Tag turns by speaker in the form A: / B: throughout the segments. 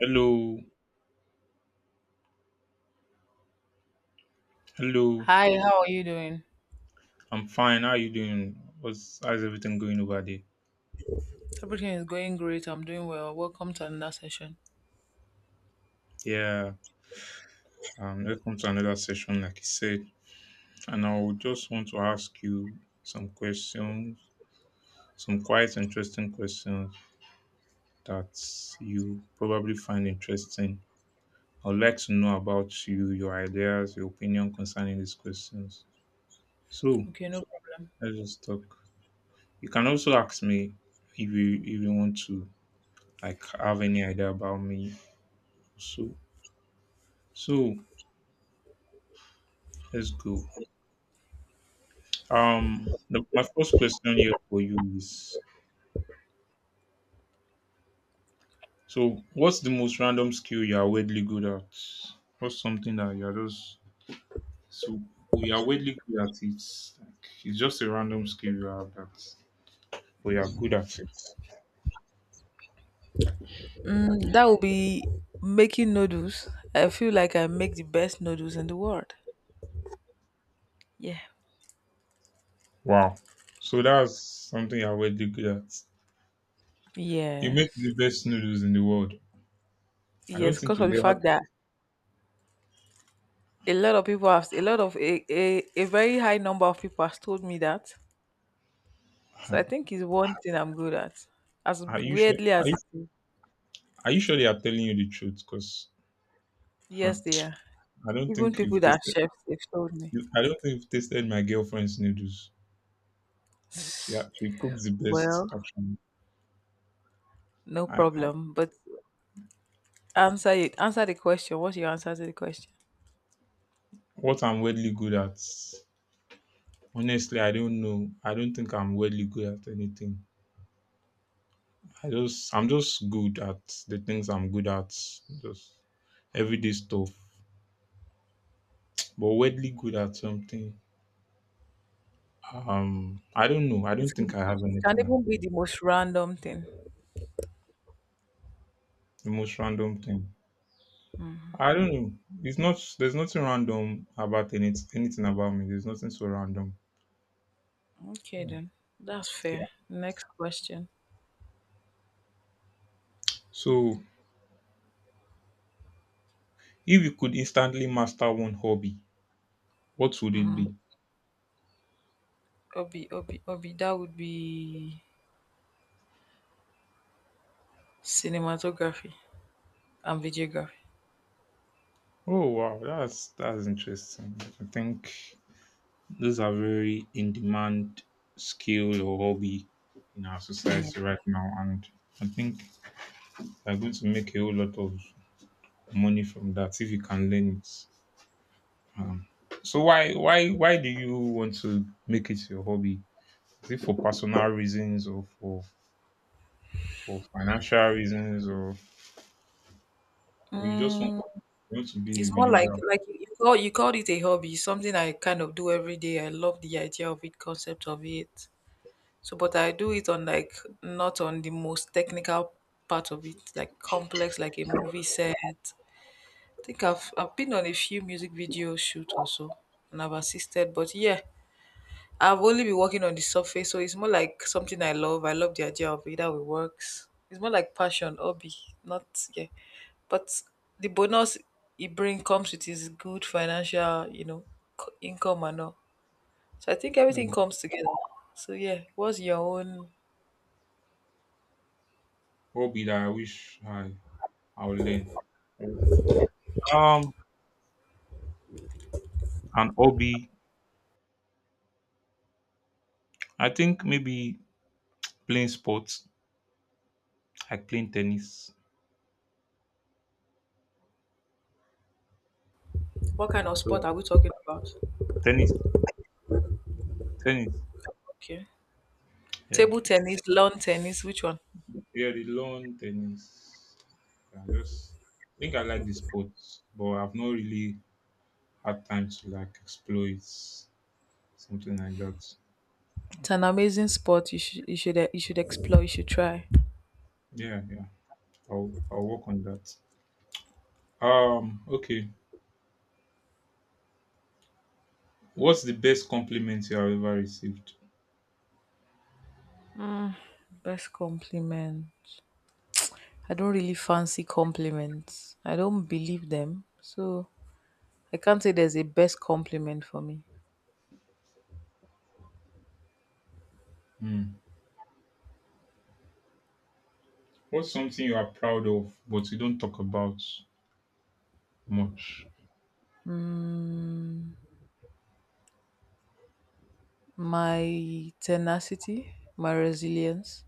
A: Hello, hello.
B: Hi, how are you doing?
A: I'm fine. How are you doing? What's How's everything going over there?
B: Everything is going great. I'm doing well. Welcome to another session.
A: Yeah. Welcome to another session, like you said. And I would just want to ask you some questions, some quite interesting questions that you probably find interesting. I'd like to know about you, your ideas, your opinion concerning these questions. So
B: Okay, no problem.
A: let's just talk. You can also ask me if you want to like have any idea about me. So so let's go. My first question here for you is: so, what's the most random skill you are weirdly good at? What's something that you are just so we are weirdly good at it? Like, it's just a random skill you have that we are good at it.
B: That will be making noodles. I feel like I make the best noodles in the world. Yeah.
A: Wow. So that's something you are weirdly good at. You make
B: Yes.
A: the best noodles in the world. I don't
B: Yes,
A: think
B: because of
A: you've
B: the fact that a lot of, a very high number of people has told me that. So I
A: ever.
B: think it's one thing I'm good at. As
A: Are you sure?
B: weirdly as it is.
A: Are you sure they are telling you the truth? Because I
B: Yes, they are.
A: don't
B: Even
A: think you've
B: people that are
A: tasted.
B: chefs, they've told me.
A: I don't think you've tasted my girlfriend's noodles. She cooks the best
B: Well,
A: actually.
B: no
A: I
B: problem. But answer it. Answer the question. What's your answer to the question?
A: What I'm weirdly good at. Honestly, I don't know. I don't think I'm weirdly good at anything. I'm just good at the things I'm good at. Just everyday stuff. But weirdly good at something. I don't know. I
B: It
A: don't
B: can,
A: think I have
B: it can
A: anything now.
B: even be the most random thing.
A: The most random thing. I don't know. It's not There's nothing random about anything about me. There's nothing so random.
B: Okay
A: Yeah.
B: then. That's fair. Next question.
A: So if you could instantly master one hobby, what would it be?
B: Obi. That would be cinematography and videography.
A: Oh wow, that's interesting. I think those are very in demand skill or hobby in our
B: Yeah.
A: society right now, and I think they're going to make a whole lot of money from that if you can learn it. Um, so why do you want to make it your hobby? Is it for personal reasons or for financial reasons, or or you just want,
B: Mm,
A: you want to be a
B: it's more like
A: videographer?
B: like you called it a hobby, something I kind of do every day. I love the idea of it, concept of it. So, but I do it on like not on the most technical part of it, like complex, like a movie set think I've been on a few music video shoot also, and I've assisted. But yeah, I've only been working on the surface, so it's more like something I love. I love the idea of it, how it works. It's more like passion, hobby, not yeah. But the bonus it bring comes with is good financial, co- income and all. So I think everything comes together. So yeah, what's your own?
A: Hobby that I wish I would learn. Um, an hobby. I think maybe playing sports, like playing tennis.
B: What kind of sport
A: So
B: are we talking about?
A: tennis, tennis.
B: Okay,
A: Yeah,
B: table tennis, lawn tennis, which one?
A: yeah, the lawn tennis. I just I think I like the sports, but I've not really had time to like explore it, something like that.
B: It's an amazing sport. You should explore. You should try.
A: Yeah, yeah. I'll work on that. Okay. What's the best compliment you have ever received?
B: Best compliment. I don't really fancy compliments. I don't believe them. So I can't say there's a best compliment for me.
A: Hmm. What's something you are proud of but you don't talk about much?
B: My tenacity, my resilience.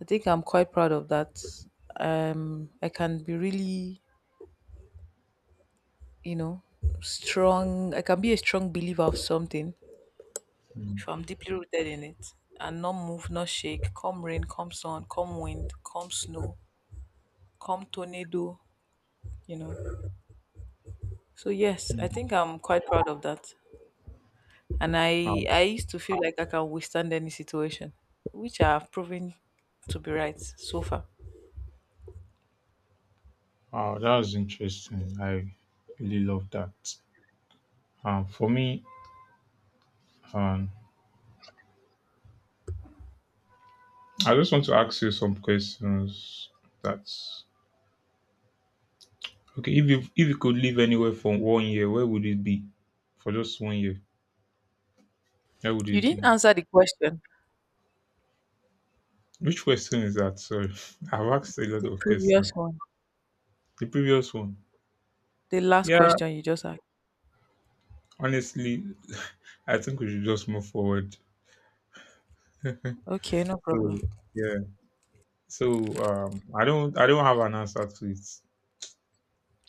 B: I think I'm quite proud of that. I can be really, you know, strong. I can be a strong believer of something
A: Mm.
B: if I'm deeply rooted in it and not move, not shake, come rain, come sun, come wind, come snow, come tornado, you know. So yes, I think I'm quite proud of that. And i
A: Oh,
B: i used to feel like I can withstand any situation, which I have proven to be right so far.
A: oh, that was interesting. I really love that. For me, um, I just want to ask you some questions. That's okay. If you could live anywhere for 1 year, where would it be? For just 1 year, where would
B: You
A: it
B: didn't
A: be?
B: answer the question.
A: Which question is that? Sorry, I've asked a lot
B: The
A: of questions.
B: previous one.
A: The previous one.
B: The last
A: Yeah,
B: question you just asked.
A: honestly, I think we should just move forward.
B: Okay, no problem.
A: So yeah. So I don't have an answer to it.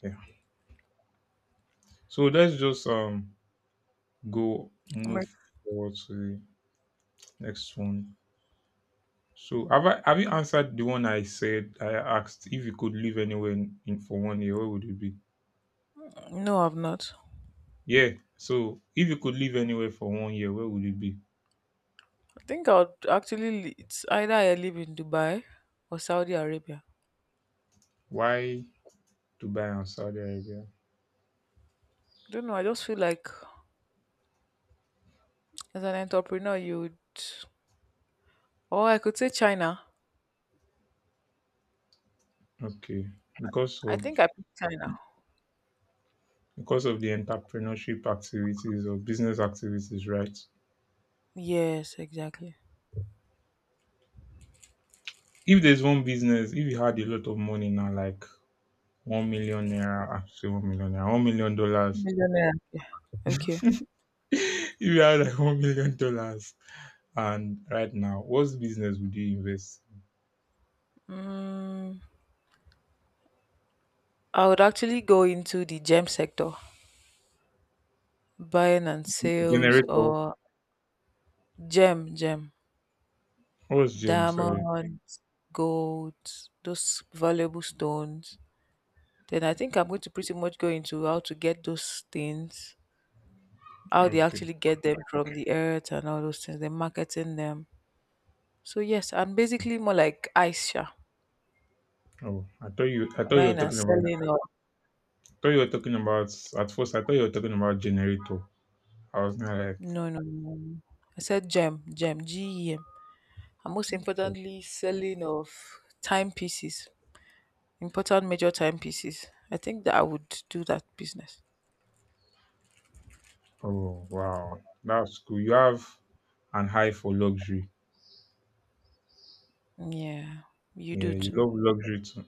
A: Yeah. So let's just go
B: I'm
A: move
B: like,
A: forward to the next one. So have you answered the one I said I asked, if you could live anywhere in for 1 year, where would it be?
B: no, I've not.
A: Yeah. So if you could live anywhere for 1 year, where would it be?
B: I think I'll actually li- it's either I live in Dubai or Saudi Arabia.
A: Why Dubai and Saudi Arabia?
B: Don't know, I just feel like as an entrepreneur you would, or I could say China.
A: Okay. Because
B: I
A: of
B: think I picked China.
A: because of the entrepreneurship activities or business activities, right?
B: Yes, exactly.
A: If there's one business, if you had a lot of money now, like 1 million naira, actually say 1 million naira, $1 million dollars.
B: Millionaire. Yeah. Okay.
A: If you had like $1 million dollars and right now, what business would you invest?
B: Mm, I would actually go into the gem sector, buying and sales
A: Generator.
B: or gem, gem,
A: What's James? Sorry.
B: diamonds, gold, those valuable stones. Then I think I'm going to pretty much go into how to get those things, how they
A: Okay.
B: actually get them from the earth and all those things, the marketing them. So yes, and basically more like Aisha,
A: I thought you were
B: buying and
A: talking about.
B: selling or.
A: I thought you were talking about. At first, I thought you were talking about generator. I was not like,
B: No, no, no, no. I said GEM. And most importantly, selling of timepieces, important major timepieces. I think that I would do that business.
A: oh wow, that's cool. You have an high for luxury.
B: Yeah, you
A: Yeah,
B: do
A: you
B: too.
A: love luxury too.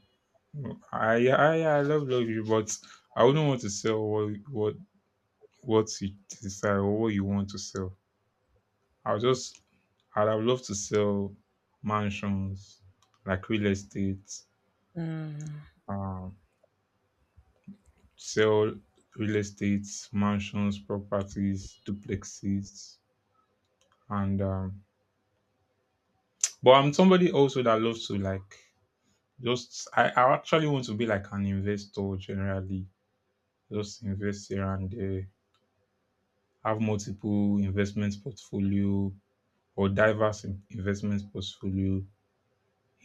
A: I love luxury, but I wouldn't want to sell what you decide or what you want to sell. I'll just I'd have loved to sell mansions, like real estate,
B: Mm.
A: um, sell real estate, mansions, properties, duplexes, and but I'm somebody also that loves to like just I actually want to be like an investor generally, just invest here and there, have multiple investment portfolio or diverse investment portfolio,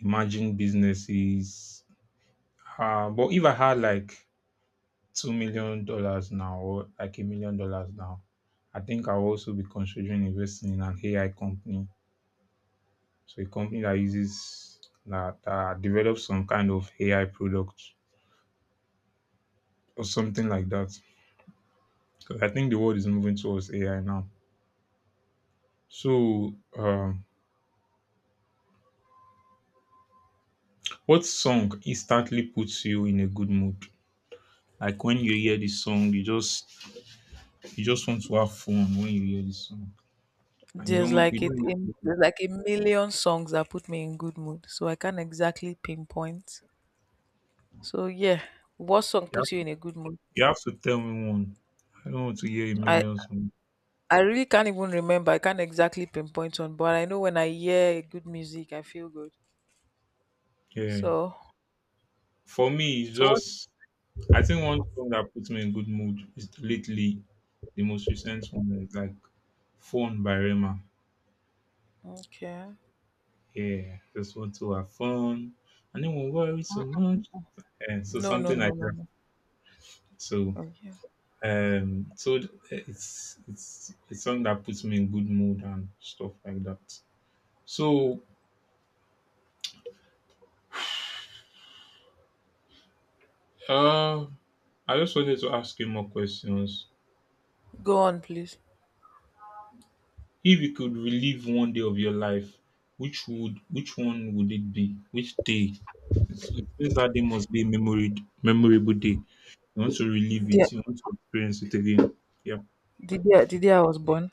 A: emerging businesses. Uh, but if I had like $2,000,000 now or like $1,000,000 now, I think I'll also be considering investing in an AI company. So a company that uses that develops some kind of AI product or something like that. Because I think the world is moving towards AI now. So, what song instantly puts you in a good mood? Like when you hear this song, you just want to have fun when you hear this song. And you don't, you don't,
B: There's like a million songs that put me in good mood, so I can't exactly pinpoint. So yeah, what song
A: have,
B: puts you in a good mood?
A: you have to tell me one. I don't want to hear a
B: I
A: million songs.
B: I really can't even remember. I can't exactly pinpoint one, but I know when I hear good music, I feel good.
A: Yeah.
B: So
A: For me,
B: so what.
A: I think one song that puts me in good mood is lately, the most recent one that is like Phone by Rema.
B: Okay.
A: Yeah. Just want to have fun. And then won't worry so much. And so
B: No, no,
A: something
B: no,
A: like
B: no,
A: that.
B: no.
A: So,
B: Okay.
A: um, so th- it's a song that puts me in good mood and stuff like that. So, uh, I just wanted to ask you more questions.
B: Go on, please.
A: If you could relive 1 day of your life, which one would it be? Which day? It says that day must be a memorable day. You want to relive
B: The,
A: it. You want to experience it again. Yeah.
B: the day I was born.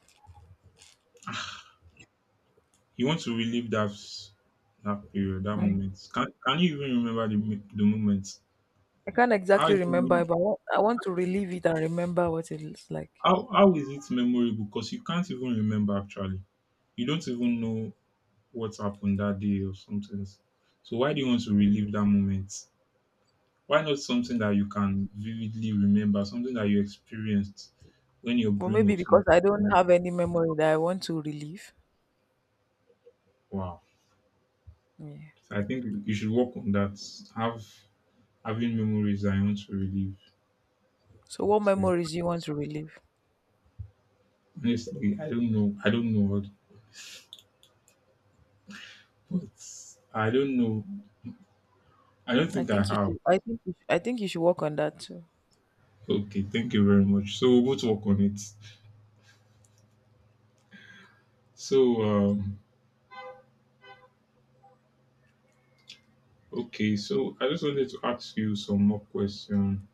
A: You want to relive that period, that
B: Mm.
A: moment. Can you even remember the moment?
B: I can't
A: How is
B: exactly
A: it
B: remember,
A: mem-
B: but I want to relive it and remember what it looks like.
A: how is it memorable? Because you can't even remember actually. You don't even know what happened that day or something. So why do you want to relive that moment? Why not something that you can vividly remember, something that you experienced when your
B: Well,
A: brain
B: maybe
A: was mad?
B: because I don't have any memory that I want to relive.
A: Wow.
B: Yeah.
A: So I think you should work on that. Have having memories that you want to relive.
B: So, what
A: So
B: memories do you want to relive?
A: honestly, I don't know. I don't know what But I don't know. I don't
B: I
A: think I
B: think you
A: have.
B: should. I think. I think you should work on that too.
A: Okay, thank you very much. So we'll both work on it. So okay, so I just wanted to ask you some more question.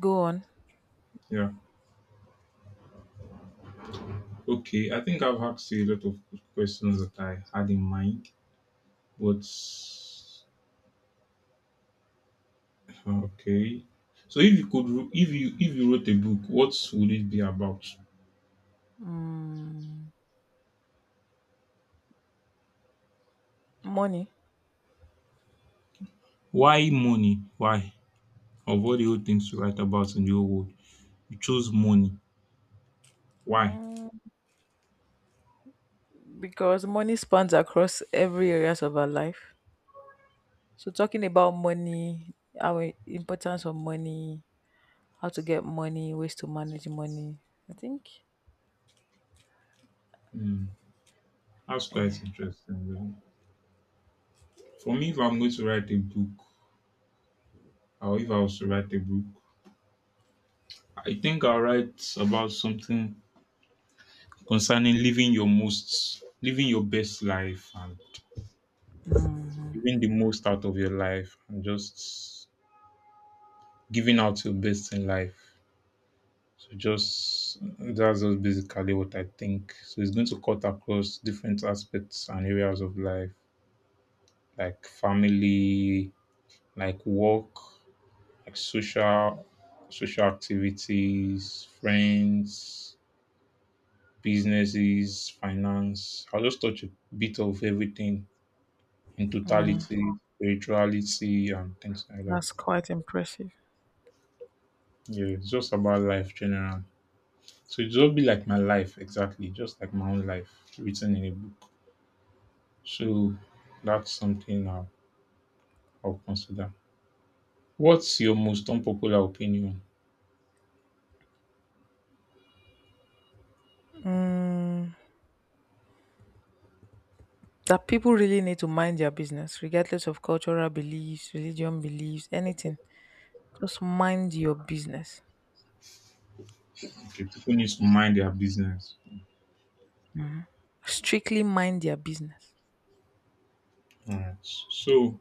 B: Go on.
A: Yeah. Okay, I think I've asked you a lot of questions that I had in mind, but okay. So if you wrote a book, what would it be about?
B: Mm, money.
A: Why money? Why? Of all the old things to write about in the old world, you chose money. Why?
B: Mm, because money spans across every areas of our life. So talking about money, our importance of money, how to get money, ways to manage money. I think
A: Hmm, that's quite
B: yeah.
A: interesting then. For me, if I'm going to write a book, or if I was to write a book, I think I'll write about something concerning living your most, living your best life, and
B: Mhm.
A: giving the most out of your life and just giving out your best in life. So just that's just basically what I think. So it's going to cut across different aspects and areas of life, like family, like work, like social activities, friends, businesses, finance. I'll just touch a bit of everything in
B: Mm,
A: totality, spirituality and things like that.
B: that's quite impressive.
A: Yeah, it's just about life generally. So it'll just be like my life, exactly, just like my own life written in a book. So that's something I'll consider. What's your most unpopular opinion?
B: Mm, that people really need to mind their business, regardless of cultural beliefs, religion beliefs, anything. Just mind your business.
A: Okay, people need to mind their business.
B: Mhm. Strictly mind their business.
A: All right. So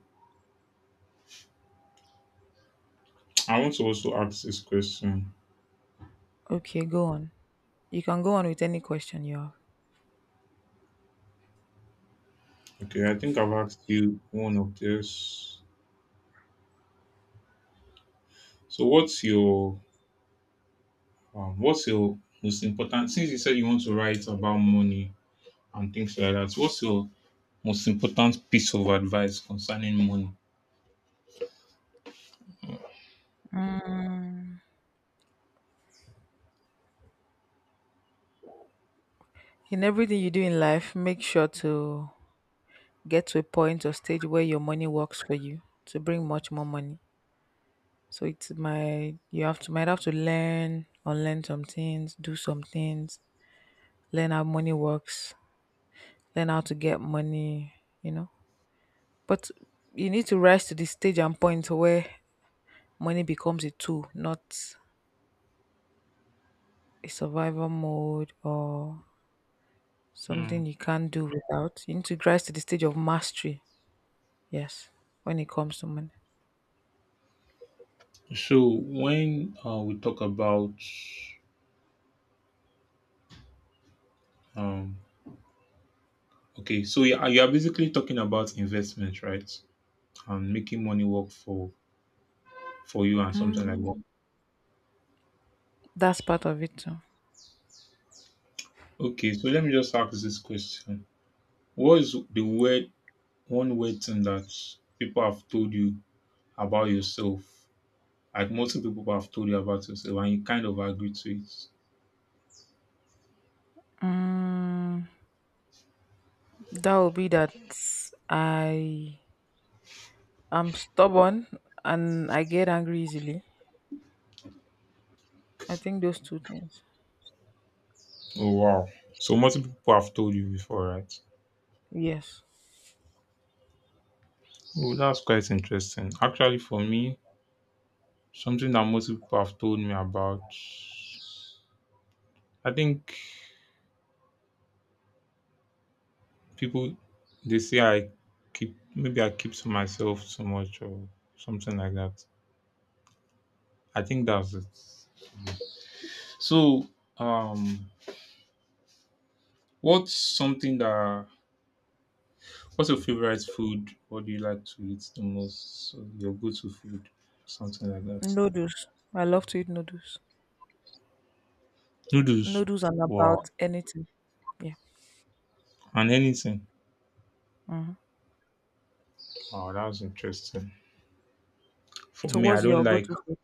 A: I want to also ask this question.
B: Okay, go on. You can go on with any question you have.
A: Okay, I think I've asked you one of this. So what's your most important, since you said you want to write about money and things like that, what's your most important piece of advice concerning money?
B: Mm. In everything you do in life, make sure to get to a point or stage where your money works for you to bring much more money. So it's my you have to might have to learn unlearn some things, do some things, learn how money works, learn how to get money, you know. But you need to rise to the stage and point where money becomes a tool, not a survival mode or
A: Hmm.
B: something you can't do without. You need to rise to the stage of mastery, yes, when it comes to money.
A: So when we talk about um, okay, so you are basically talking about investment, right? And making money work for you and something like
B: Mm,
A: that.
B: that's part of it too.
A: Okay, so let me just ask this question: what is the word one word thing that people have told you about yourself? Like multiple people have told you about yourself, and you kind of agree to it.
B: Mm, That would be that I am stubborn and I get angry easily. I think those two things.
A: Oh wow! So multiple people have told you before, right?
B: Yes.
A: Oh, that's quite interesting. Actually, for me, something that most people have told me about, I think people they say I keep maybe I keep to myself so much or something like that. I think that's it. So, um, what's something that what's your favorite food? What do you like to eat the most? So your go-to food, something like that.
B: Noodles. I love to eat noodles.
A: Noodles.
B: Noodles and
A: Wow.
B: about anything. Yeah.
A: And anything.
B: Hmm.
A: Wow, that was interesting. For
B: So
A: me,
B: what's your go-to food?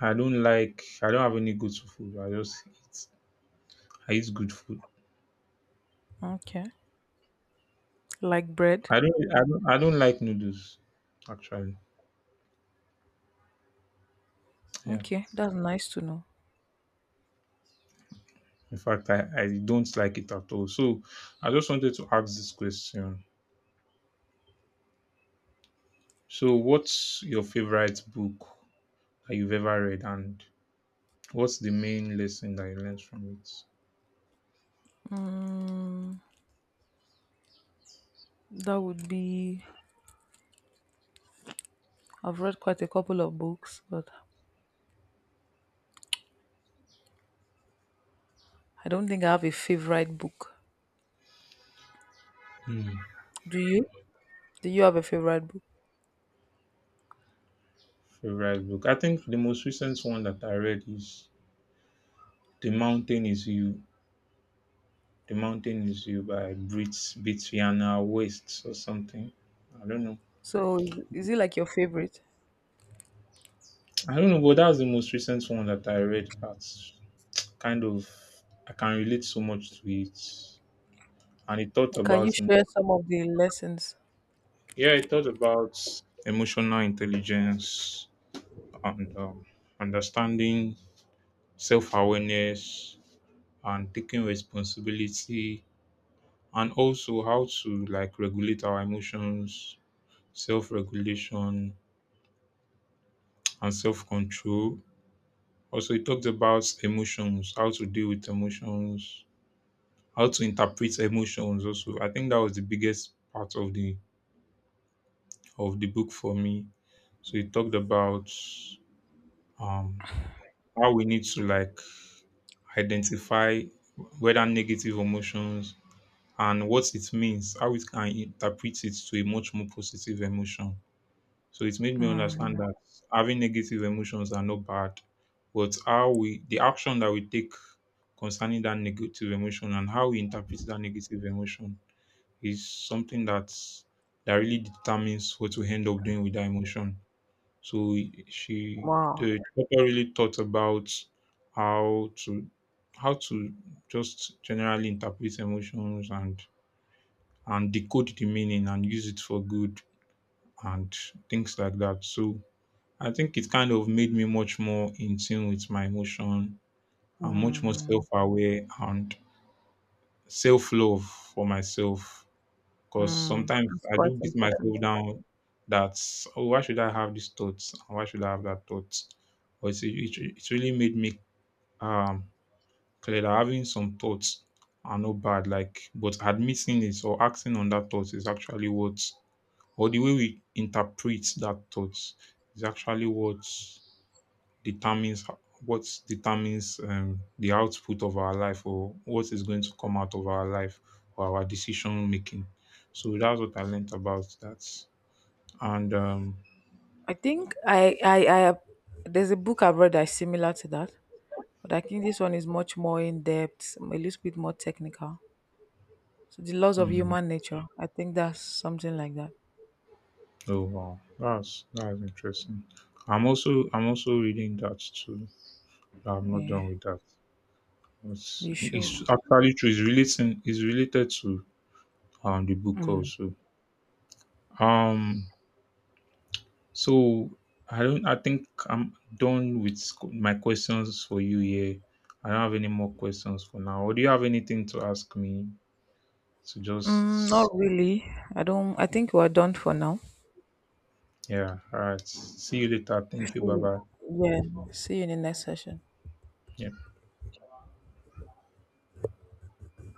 A: I don't like. I don't have any go-to food. I just eat. I eat good food.
B: Okay. Like bread.
A: I don't like noodles actually. Yeah.
B: Okay, that's nice to know.
A: In fact, I don't like it at all. So I just wanted to ask this question. So what's your favorite book that you've ever read and what's the main lesson that you learned from it?
B: Mm, that would be. I've read quite a couple of books, but I don't think I have a favorite book.
A: Hmm.
B: Do you? Do you have a favorite book?
A: Favorite book. I think the most recent one that I read is The Mountain Is You. The Mountain Is You by Brit Bitiana West or something. I don't know.
B: So, is it like your favorite?
A: I don't know, but that was the most recent one that I read. That kind of I can relate so much to it. And it taught
B: Can you
A: about
B: share
A: emotion.
B: some of the lessons?
A: Yeah, it taught about emotional intelligence and understanding, self awareness, and taking responsibility, and also how to like regulate our emotions, self regulation, and self control. Also, it talked about emotions, how to deal with emotions, how to interpret emotions. Also, I think that was the biggest part of the book for me. So it talked about um, how we need to like identify whether negative emotions and what it means, how it can interpret it to a much more positive emotion. So it made me understand
B: Mm,
A: that having negative emotions are not bad, but how we the action that we take concerning that negative emotion and how we interpret that negative emotion is something that really determines what we end up doing with that emotion. So she,
B: wow.
A: the doctor really thought about how to how to just generally interpret emotions and decode the meaning and use it for good and things like that. So I think it kind of made me much more in tune with my emotion and much more self
B: Mhm.
A: aware and self love for myself. Because sometimes
B: That's
A: I do
B: quite
A: beat
B: important.
A: myself down that, oh, why should I have these thoughts? Why should I have that thought? But it really made me um, clear that having some thoughts are not bad. Like, but admitting it or acting on that thought is actually what, or the way we interpret that thought is actually what determines what determines the output of our life or what is going to come out of our life or our decision making. So that's what I learned about that. And
B: I think I, have- there's a book I've read that's similar to that, but I think this one is much more in depth, a little bit more technical. So the laws of
A: hmm,
B: human nature. I think that's something like that.
A: oh wow, that's interesting. I'm also reading that too. I'm not
B: Yeah,
A: done with that.
B: you should.
A: It's actually true. It's relating. It's related to the book
B: Mm.
A: also. Um, So I don't. I think I'm done with my questions for you here. I don't have any more questions for now. Or do you have anything to ask me? So just
B: Not really. I don't. I think we're done for now.
A: yeah. All right. See you later.
B: See
A: Thank you. Bye
B: you.
A: bye.
B: Yeah. See you in the next session.
A: Yeah.